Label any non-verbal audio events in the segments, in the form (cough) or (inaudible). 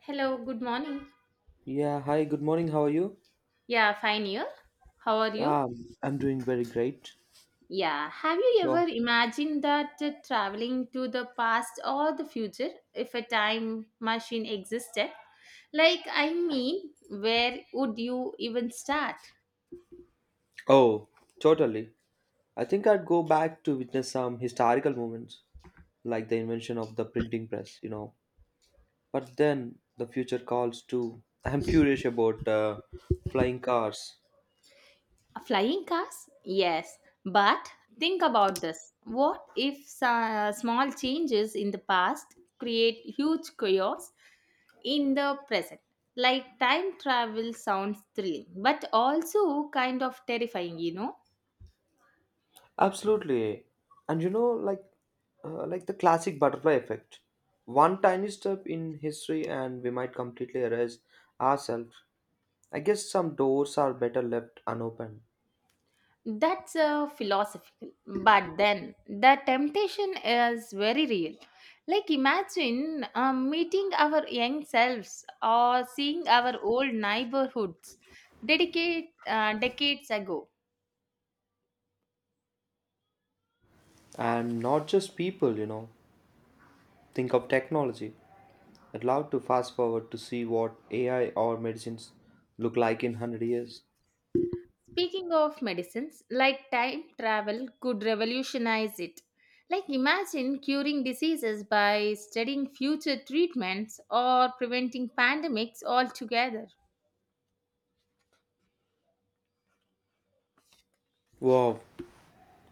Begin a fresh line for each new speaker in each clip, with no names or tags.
Hello, good morning.
Yeah, hi, good morning. How are you?
Yeah, fine here. How are you?
Um, I'm doing very great.
Yeah, have you
So,
ever imagined that traveling to the past or the future if a time machine existed? Where would you even start?
oh, Totally. I think I'd go back to witness some historical moments, like the invention of the printing press, you know. But then the future calls too. (laughs) I'm curious about flying cars.
Flying cars? Yes. But think about this. What if small changes in the past create huge chaos in the present? Like time travel sounds thrilling, but also kind of terrifying, you know?
Absolutely. And you know, like the classic butterfly effect. One tiny step in history and we might completely erase ourselves. I guess some doors are better left unopened.
That's philosophical, but then the temptation is very real. Like, imagine meeting our young selves or seeing our old neighborhoods decades ago.
And not just people, you know, think of technology. I'd love to fast forward to see what AI or medicines look like in 100 years.
Speaking of medicines, like time travel could revolutionize it. Like, imagine curing diseases by studying future treatments or preventing pandemics altogether.
Wow,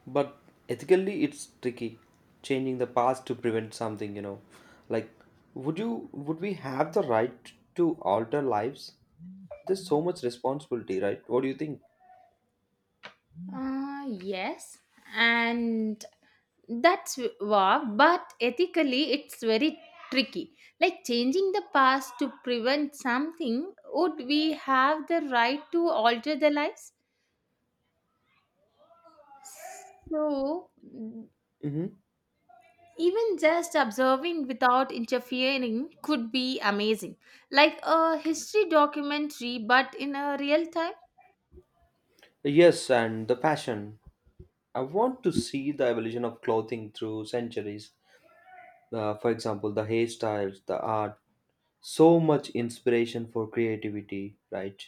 but ethically it's tricky, changing the past to prevent something, Like would you would we have the right to alter lives? There's so much responsibility, right? What do you think?
Yes, and that's work, but ethically it's very tricky. Like changing the past to prevent something, would we have the right to alter the lives? So,
Hmm.
even just observing without interfering could be amazing, like a history documentary, but in a real time.
Yes, and the fashion. I want to see the evolution of clothing through centuries. For example, the hairstyles, the art, so much inspiration for creativity, right?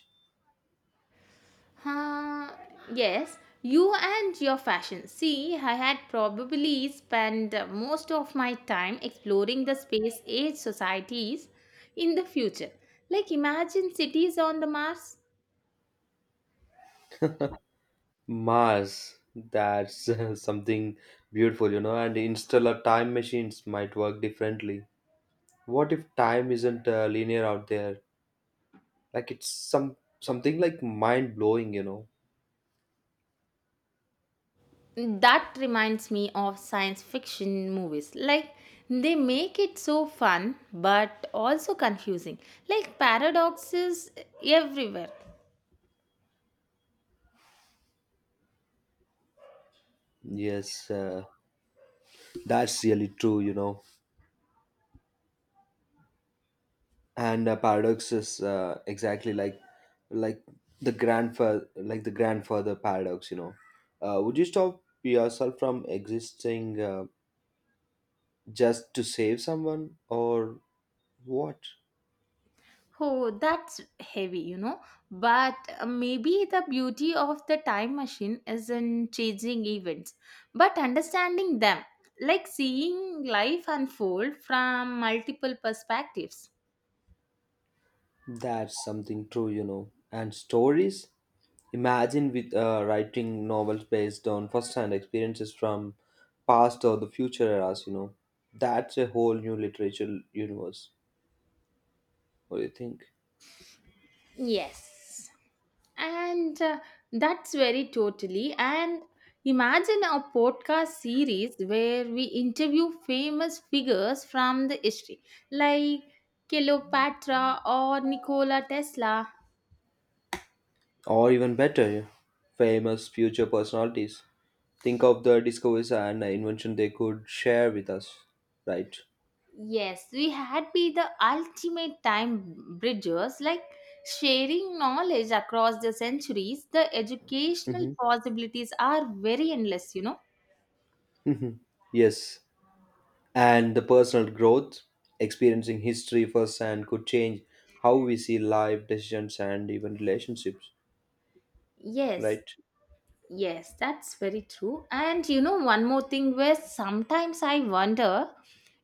Huh, yes, you and your fashion. See, I had probably spent most of my time exploring the space age societies in the future. Like, imagine cities on the Mars.
Mars, that's (laughs) something beautiful, you know, and interstellar time machines might work differently. What if time isn't linear out there? Like it's something like mind blowing, you know.
That reminds me of science fiction movies. Like, they make it so fun but also confusing. Like, paradoxes everywhere.
Yes, that's really true, you know. And paradox is exactly like the grandfather paradox, you know. Would you stop yourself from existing? Just to save someone or what?
Oh, that's heavy, you know. But maybe the beauty of the time machine is in changing events, but understanding them, like seeing life unfold from multiple perspectives.
That's something true, you know. And stories? Imagine with writing novels based on first-hand experiences from past or the future eras, you know. That's a whole new literature universe. What do you think?
Yes. And that's very totally. And imagine a podcast series where we interview famous figures from the history, like Cleopatra or Nikola Tesla.
Or even better, famous future personalities. Think of the discoveries and invention they could share with us, right?
Yes, we had be the ultimate time bridgers, like sharing knowledge across the centuries. The educational
Mm-hmm.
possibilities are very endless, you know.
(laughs) Yes. And the personal growth, experiencing history firsthand could change how we see life decisions and even relationships,
Yes,
right?
yes, that's very true. And one more thing where sometimes I wonder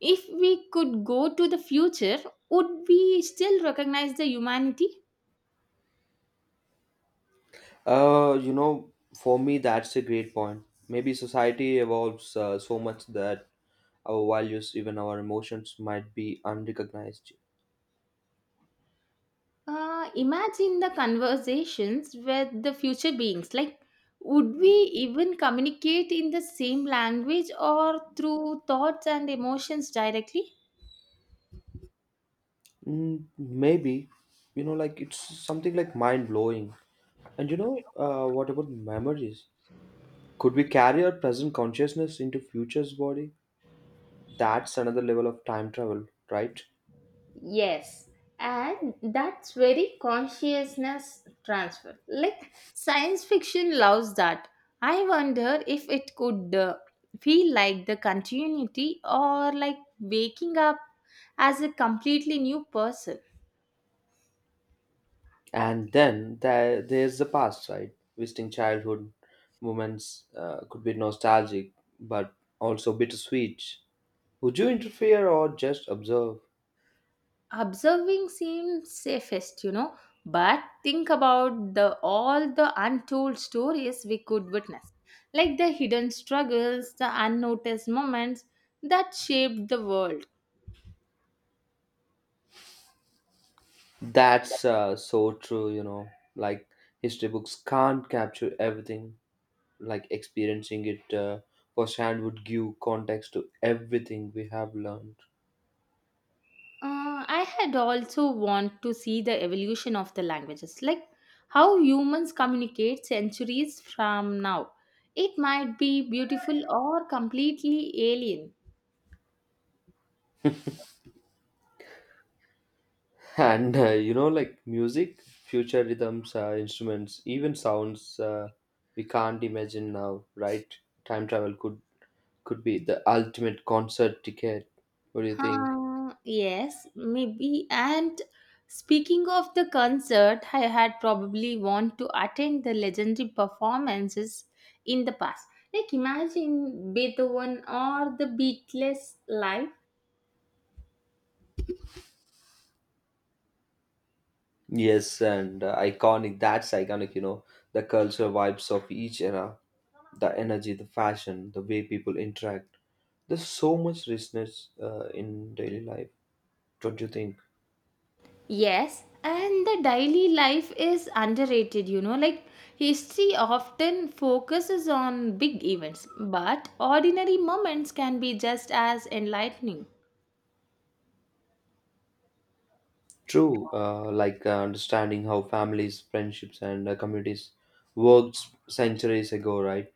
if we could go to the future, would we still recognize the humanity?
You know, for me that's a great point. Maybe society evolves so much that our values, even our emotions, might be unrecognized.
Imagine the conversations with the future beings. Like, would we even communicate in the same language or through thoughts and emotions directly?
Mm, maybe, you know, like it's something like mind blowing. And you know, what about memories? Could we carry our present consciousness into future's body? That's another level of time travel, right?
Yes, and that's very consciousness transfer. Like, science fiction loves that. I wonder if it could feel like the continuity or like waking up as a completely new person.
And then there's the past, right? Visiting childhood moments could be nostalgic but also bittersweet. Would you interfere or just observe?
Observing seems safest, but think about the all the untold stories we could witness, like the hidden struggles, the unnoticed moments that shaped the world.
That's so true, you know. Like history books can't capture everything. Like experiencing it firsthand would give context to everything we have learned.
I had also want to see the evolution of the languages, like how humans communicate centuries from now. It might be beautiful or completely alien.
And you know, like music, future rhythms, instruments, even sounds we can't imagine now, right? Time travel could be the ultimate concert ticket. What do you think?
Yes, maybe. And speaking of the concert, I had probably want to attend the legendary performances in the past. Like imagine Beethoven or the Beatles live.
Yes, and iconic, you know, the culture vibes of each era, the energy, the fashion, the way people interact. There's so much richness in daily life, don't you think?
Yes, and the daily life is underrated, you know. Like history often focuses on big events, but ordinary moments can be just as enlightening.
True, like understanding how families, friendships, and communities worked centuries ago, right?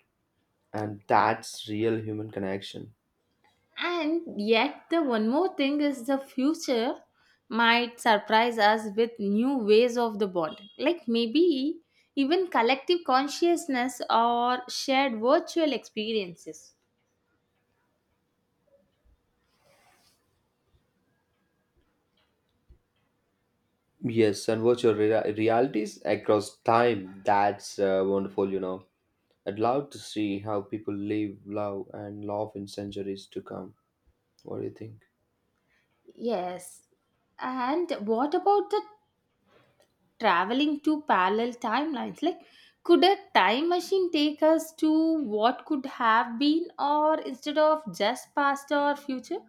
And that's real human connection.
And yet, the one more thing is the future might surprise us with new ways of the bond, like maybe even collective consciousness or shared virtual experiences.
Yes, and what your realities across time. That's wonderful, you know. I'd love to see how people live, love, and love in centuries to come. What do you think?
Yes. And what about the traveling to parallel timelines? Like, could a time machine take us to what could have been, or instead of just past or future?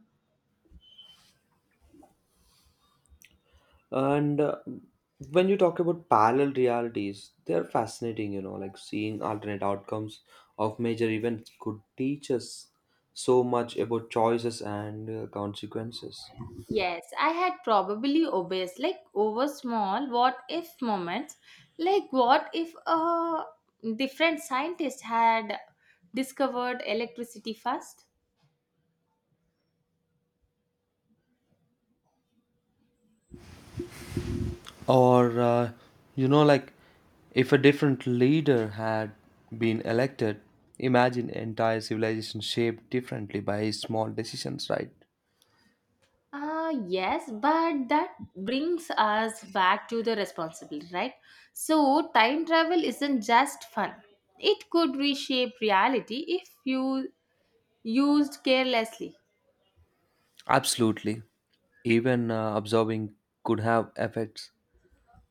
And When you talk about parallel realities, they are fascinating, you know, like seeing alternate outcomes of major events could teach us so much about choices and consequences.
Yes, I had probably obsessed like over small what if moments. Like what if a different scientist had discovered electricity first?
Or, you know, like if a different leader had been elected, imagine entire civilization shaped differently by small decisions, right?
Yes, but that brings us back to the responsibility, right? So, time travel isn't just fun. It could reshape reality if you used carelessly.
Absolutely. Even observing could have effects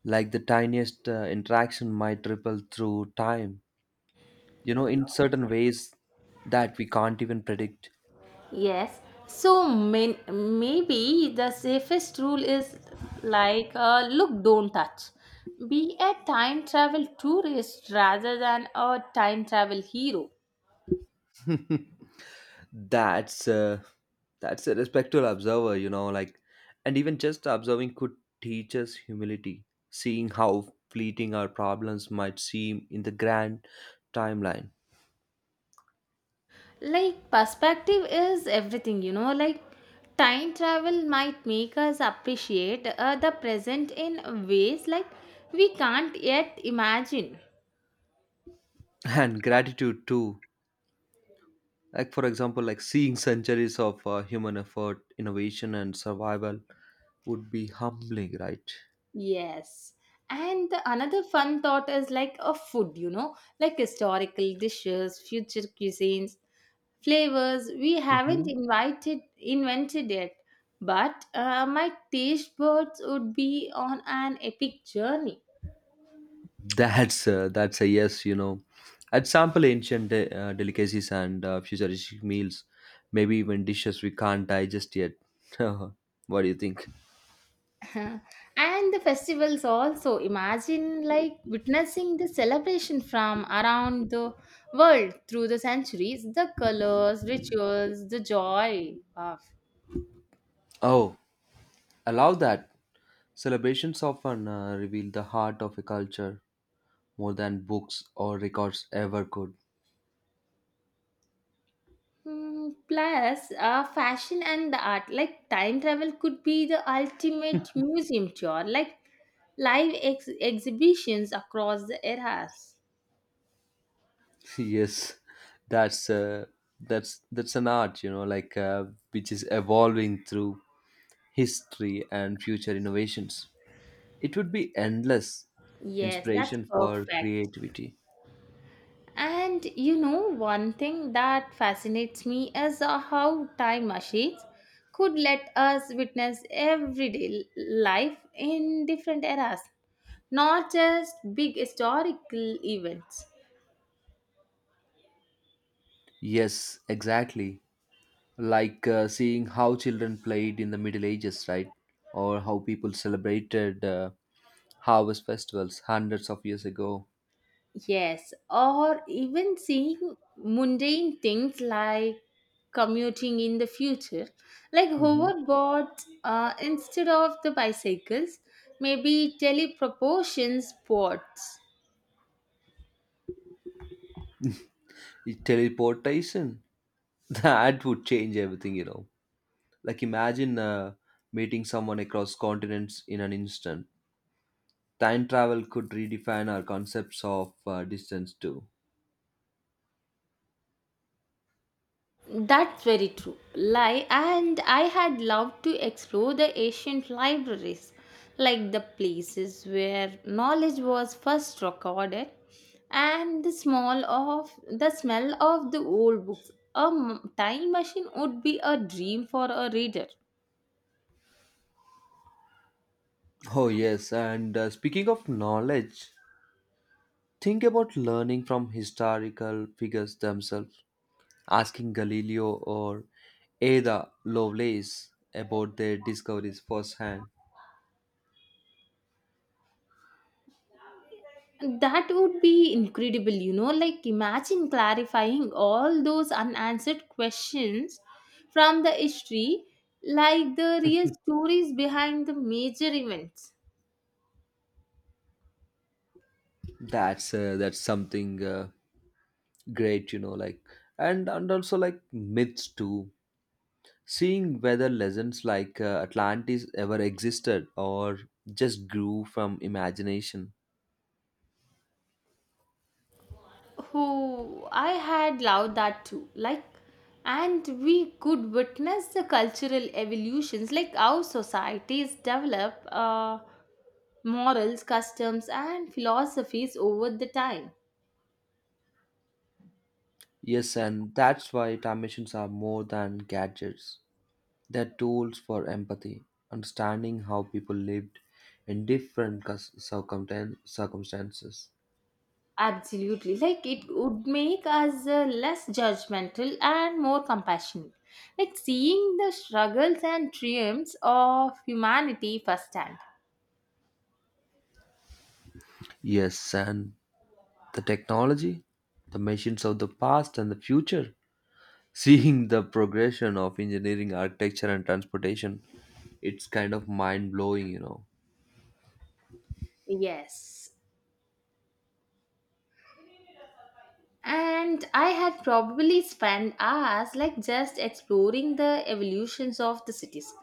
like the tiniest interaction might ripple through time, you know, in certain ways that we can't even predict.
Yes. So maybe the safest rule is look, don't touch. Be a time travel tourist rather than a time travel hero.
(laughs) that's uh, that's a respectful observer, you know, like, and even just observing could teach us humility, seeing how fleeting our problems might seem in the grand timeline.
Like, perspective is everything, you know. Like, time travel might make us appreciate the present in ways like we can't yet imagine.
(laughs) And gratitude too. Like for example, like seeing centuries of human effort, innovation, and survival would be humbling, right?
Yes. And the another fun thought is like a food, you know, like historical dishes, future cuisines, flavors we haven't
Mhm.
invited invented yet. But my taste buds would be on an epic journey.
That's a yes, you know. I'd sample ancient delicacies and futuristic meals, maybe even dishes we can't digest yet. (laughs) What do you think?
(laughs) And the festivals also. Imagine like witnessing the celebration from around the world through the centuries, the colors, rituals, the joy. Wow.
Oh, I love that. Celebrations often reveal the heart of a culture more than books or records ever could.
Mm, plus, fashion and the art, like time travel, could be the ultimate museum tour, like live exhibitions across the eras.
(laughs) Yes, that's uh, that's an art, you know, which is evolving through history and future innovations. It would be endless
Yes, that's
inspiration for
perfect.
creativity.
And you know, one thing that fascinates me is how time machines could let us witness everyday life in different eras, not just big historical events.
Yes, exactly. Like seeing how children played in the Middle Ages, right? Or how people celebrated harvest festivals hundreds of years ago.
Yes, or even seeing mundane things like commuting in the future, like
Hmm.
hoverboards instead of the bicycles, maybe teleproportions boards.
Teleportation. (laughs) That would change everything, you know. Like imagine meeting someone across continents in an instant. Time travel could redefine our concepts of distance too.
That's very true. Like, and I had loved to explore the ancient libraries, like the places where knowledge was first recorded, and the small of the smell of the old books. Time machine would be a dream for a reader.
Oh, yes. And speaking of knowledge, think about learning from historical figures themselves, asking Galileo or Ada Lovelace about their discoveries firsthand.
That would be incredible, you know. Like, imagine clarifying all those unanswered questions from the history, like the real stories behind the major events.
That's something great, you know. Like, and also like myths too. Seeing whether legends like Atlantis ever existed or just grew from imagination.
Oh, I had loved that too. Like, and we could witness the cultural evolutions, like how societies develop morals, customs, and philosophies over the time.
Yes, and that's why time machines are more than gadgets. They're tools for empathy, understanding how people lived in different circumstances.
Absolutely. Like it would make us less judgmental and more compassionate. Like seeing the struggles and triumphs of humanity firsthand.
Yes, and the technology, the machines of the past and the future. (laughs) Seeing the progression of engineering, architecture, and transportation, it's kind of mind blowing, you know.
Yes. And I had probably spent hours like just exploring the evolutions of the cities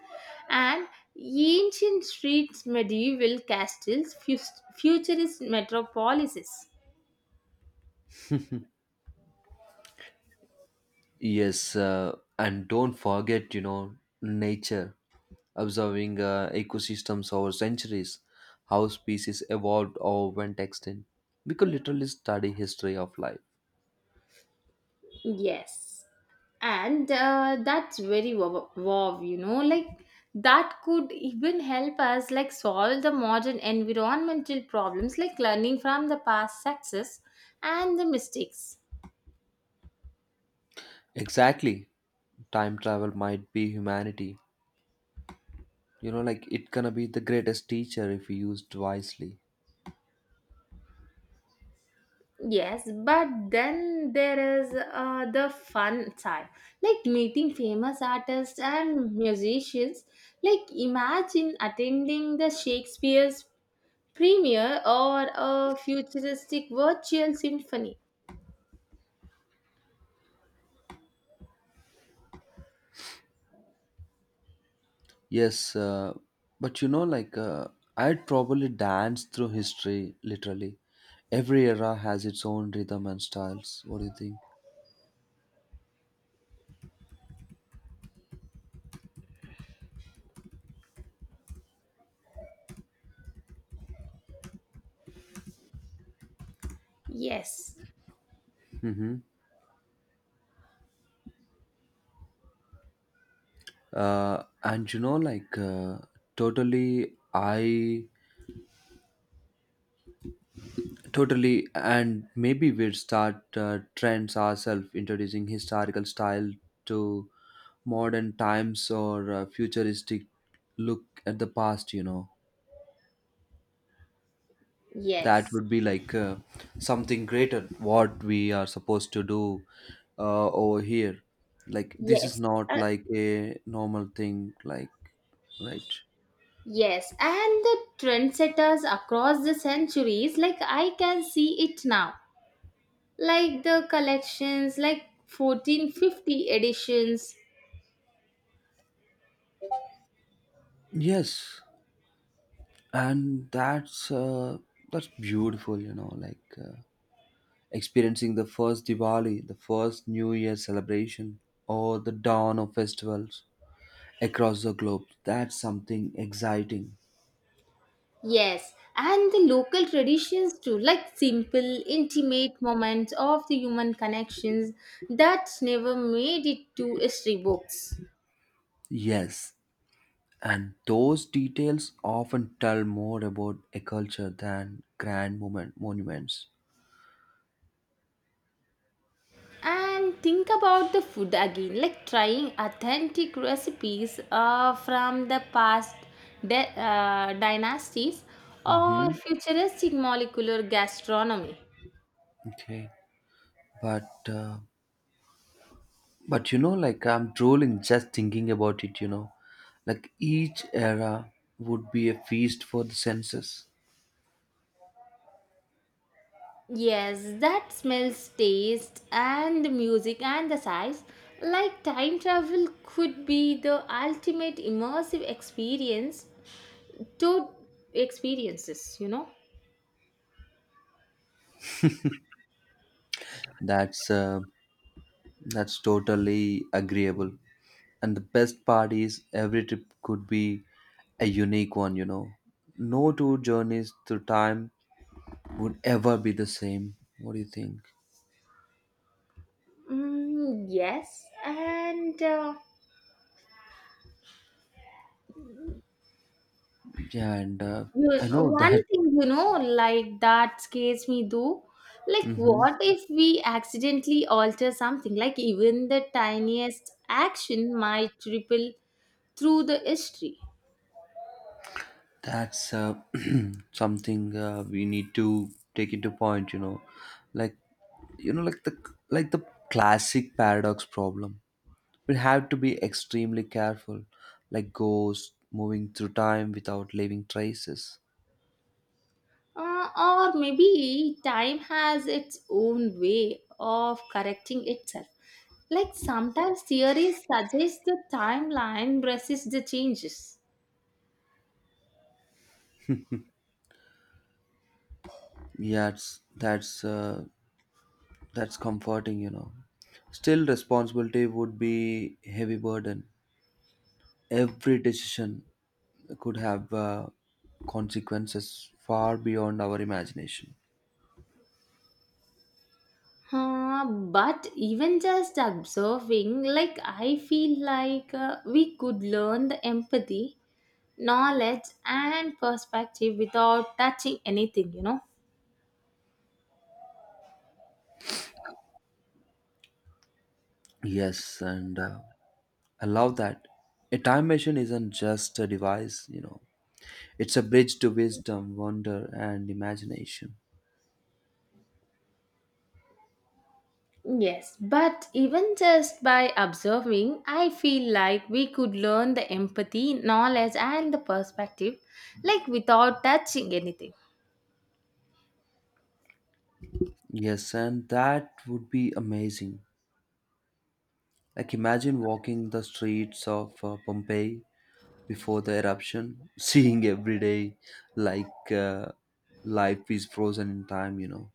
and ancient streets, medieval castles, futurist metropolises.
(laughs) Yes, and don't forget, you know, nature. Observing ecosystems over centuries, how species evolved or went extinct. We could literally study history of life.
Yes. And that's very wow, wow, you know, like that could even help us like solve the modern environmental problems like learning from the past success and the mistakes.
Exactly. Time travel might be humanity. You know, like it gonna be the greatest teacher if used wisely.
Yes, but then there is the fun side, like meeting famous artists and musicians. Like imagine attending the Shakespeare's premiere or a futuristic virtual symphony.
Yes, but I'd probably dance through history literally. Every era has its own rhythm and styles. What do you think?
Yes,
Mm-hmm. And you know, like totally, I Totally, And maybe we'd start trends ourselves, introducing historical style to modern times or futuristic look at the past. You know, that
yes,
would be like something greater. What we are supposed to do over here, like this is
yes,
not
uh,
like a normal thing. Like right?
yes. And the trendsetters across the centuries, like I can see it now, like the collections, like 1450 editions.
Yes, and that's beautiful. You know. Like. Experiencing the first Diwali, the first New Year celebration, or the dawn of festivals across the globe. That's something exciting.
Yes, and the local traditions too, like simple, intimate moments of the human connections that never made it to history books.
Yes, and those details often tell more about a culture than grand moment, monuments.
And think about the food again, like trying authentic recipes from the past dynasties or
Mm-hmm.
futuristic molecular gastronomy.
Okay, but uh, but you know, like I'm drooling just thinking about it. You know, like each era would be a feast for the senses.
Yes, that smells, taste, and the music and the size. Like time travel could be the ultimate immersive experience to experiences, you know?
That's uh, That's totally agreeable. And the best part is every trip could be a unique one, you know. No two journeys through time would ever be the same. What do you think?
Mm, yes, and.
Yeah, and
You,
I know
one
that.
thing you know, like that scares me though. Like,
Hmm.
what if we accidentally alter something? Like, even the tiniest action might ripple through the history.
that's (clears throat) Something we need to take into point, you know. Like, you know, like the classic paradox problem. We have to be extremely careful, like ghosts moving through time without leaving traces.
Or maybe time has its own way of correcting itself. Like, sometimes theories suggest the timeline resists the changes.
Yeah, it's, that's That's comforting, you know. Still, responsibility would be heavy burden. Every decision could have consequences far beyond our imagination.
Uh, but even just observing, like I feel like we could learn the empathy, knowledge, and perspective without touching anything, you know.
Yes, and I love that. A time machine isn't just a device, you know. It's a bridge to wisdom, wonder, and imagination.
Yes, but even just by observing, I feel like we could learn the empathy, knowledge, and the perspective, like without touching anything.
Yes, and that would be amazing. Like, imagine walking the streets of Pompeii before the eruption, (laughs) seeing every day like uh, life is frozen in time, you know.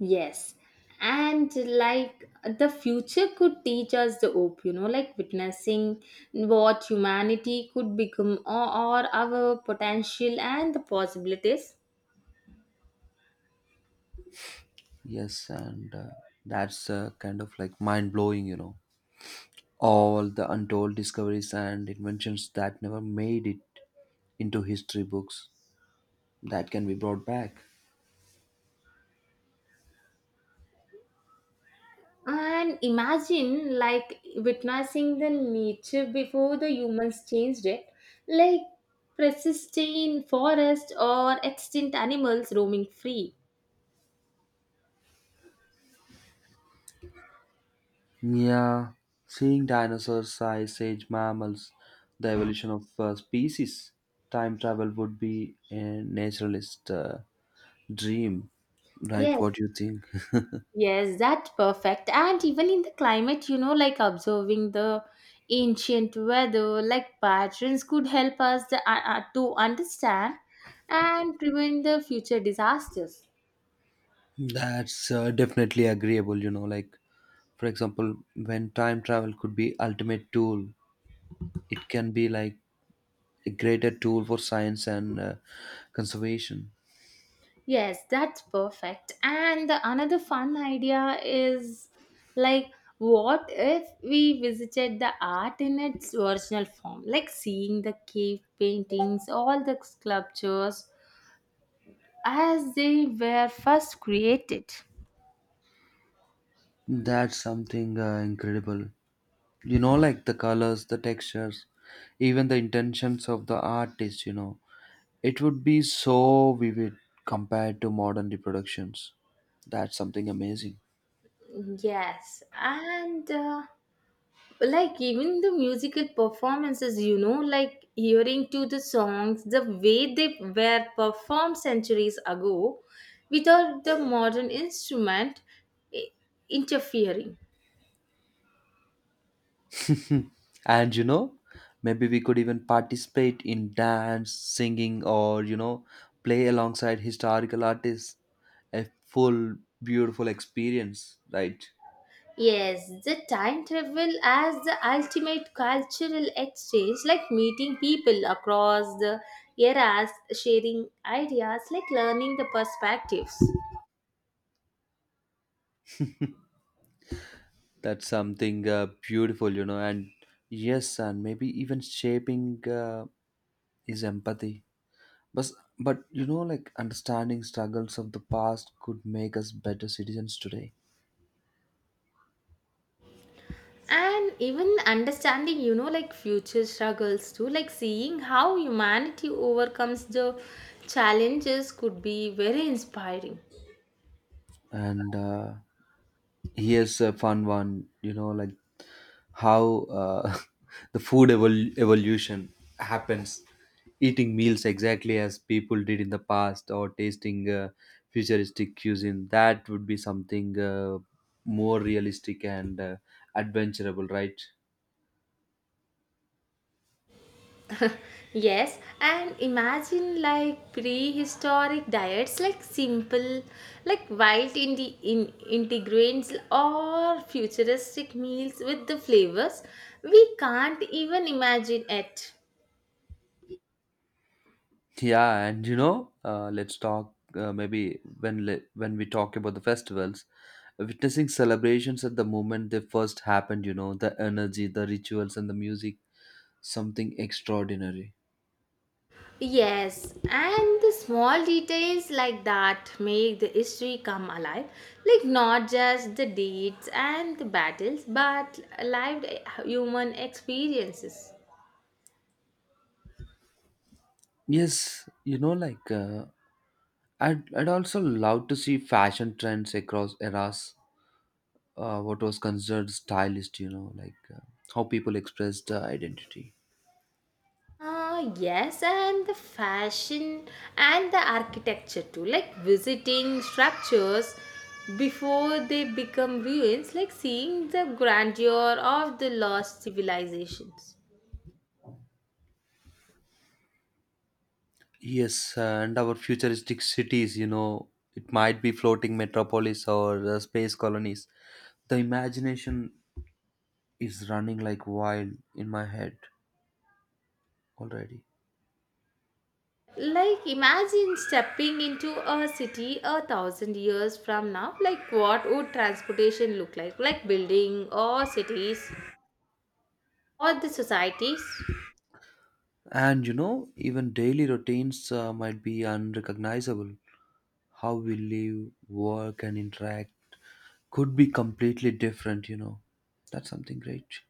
Yes. And like the future could teach us the hope, you know, like witnessing what humanity could become, or our potential and the possibilities.
Yes, and that's kind of like mind blowing, you know. All the untold discoveries and inventions that never made it into history books that can be brought back.
And imagine like witnessing the nature before the humans changed it, like persisting forest or extinct animals roaming free.
Yeah, seeing dinosaurs, ice age mammals, the evolution of species, time travel would be a naturalist dream, right?
Yes,
What do you think?
yes, that's perfect. And even in the climate, you know, like observing the ancient weather, like patterns could help us to understand and prevent the future disasters.
That's Definitely agreeable, you know. Like, for example, when time travel could be ultimate tool, it can be like a greater tool for science and conservation.
Yes, that's perfect. And the another fun idea is like, what if we visited the art in its original form, like seeing the cave paintings, all the sculptures as they were first created?
That's something incredible. You know, like the colors, the textures, even the intentions of the artist, you know, it would be so vivid compared to modern reproductions. That's something amazing.
Yes, and like even the musical performances, you know, like hearing to the songs, the way they were performed centuries ago without the modern instrument i- interfering.
And you know, maybe we could even participate in dance singing, or you know, play alongside historical artists, a full beautiful experience, right?
Yes, the time travel as the ultimate cultural exchange, like meeting people across the eras, sharing ideas, like learning the perspectives.
That's something beautiful, you know. And yes, and maybe even shaping is empathy. But, but you know, like understanding struggles of the past could make us better citizens today.
And even understanding, you know, like future struggles too, like seeing how humanity overcomes the challenges could be very inspiring.
And here's a fun one, you know, like how (laughs) the food evolution happens. Eating meals exactly as people did in the past or tasting futuristic cuisine, that would be something more realistic and adventurable, right?
Yes, and imagine like prehistoric diets, like simple, like wild integrants or futuristic meals with the flavors we can't even imagine it.
Yeah, and you know, let's talk maybe when we talk about the festivals, witnessing celebrations at the moment they first happened. You know, the energy, the rituals, and the music, something extraordinary.
Yes, and the small details like that make the history come alive. Like not just the dates and the battles, but lived human experiences.
Yes, you know, I'd also love to see fashion trends across eras. What was considered stylist, you know, how people expressed identity.
Ah, yes, and the fashion and the architecture too. Like visiting structures before they become ruins, like seeing the grandeur of the lost civilizations.
Yes, and our futuristic cities, you know, it might be floating metropolis or space colonies. The imagination is running like wild in my head already.
Like, imagine stepping into a city a thousand years from now. Like, what would transportation look like? Like, building or cities or the societies?
And you know, even daily routines might be unrecognizable. How we live, work, and interact could be completely different, you know. That's something great.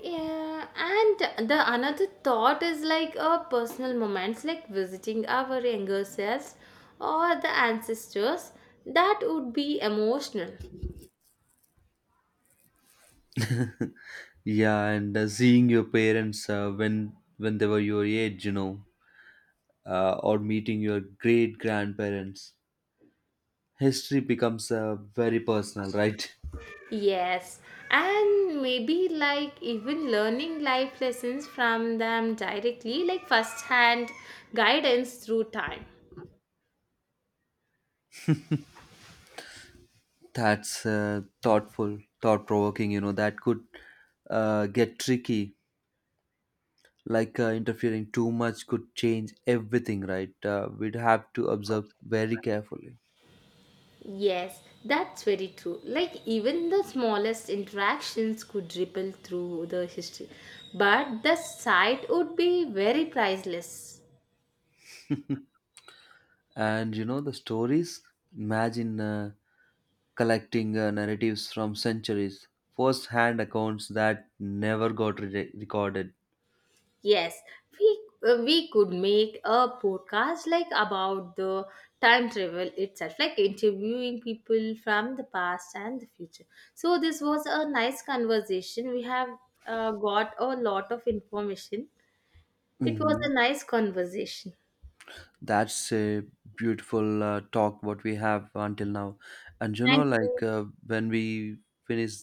Yeah, and the another thought is like a personal moments, like visiting our younger selves or the ancestors. That would be emotional.
(laughs) Yeah, and seeing your parents when they were your age, you know, or meeting your great grandparents. History becomes very personal, right?
Yes, and maybe like even learning life lessons from them directly, like first hand guidance through time.
That's Thoughtful, thought provoking, you know, that could get tricky. Like interfering too much could change everything, right? We'd have to observe very carefully.
Yes, that's very true. Like even the smallest interactions could ripple through the history, but the sight would be very priceless.
(laughs) And you know, the stories, imagine collecting narratives from centuries, first hand accounts that never got recorded.
Yes, we we could make a podcast like about the time travel itself, like interviewing people from the past and the future. So this was a nice conversation. We have got a lot of information. It was
Mhm.
a nice conversation.
That's a beautiful talk what we have until now. And you know,
Thank you.
when we finish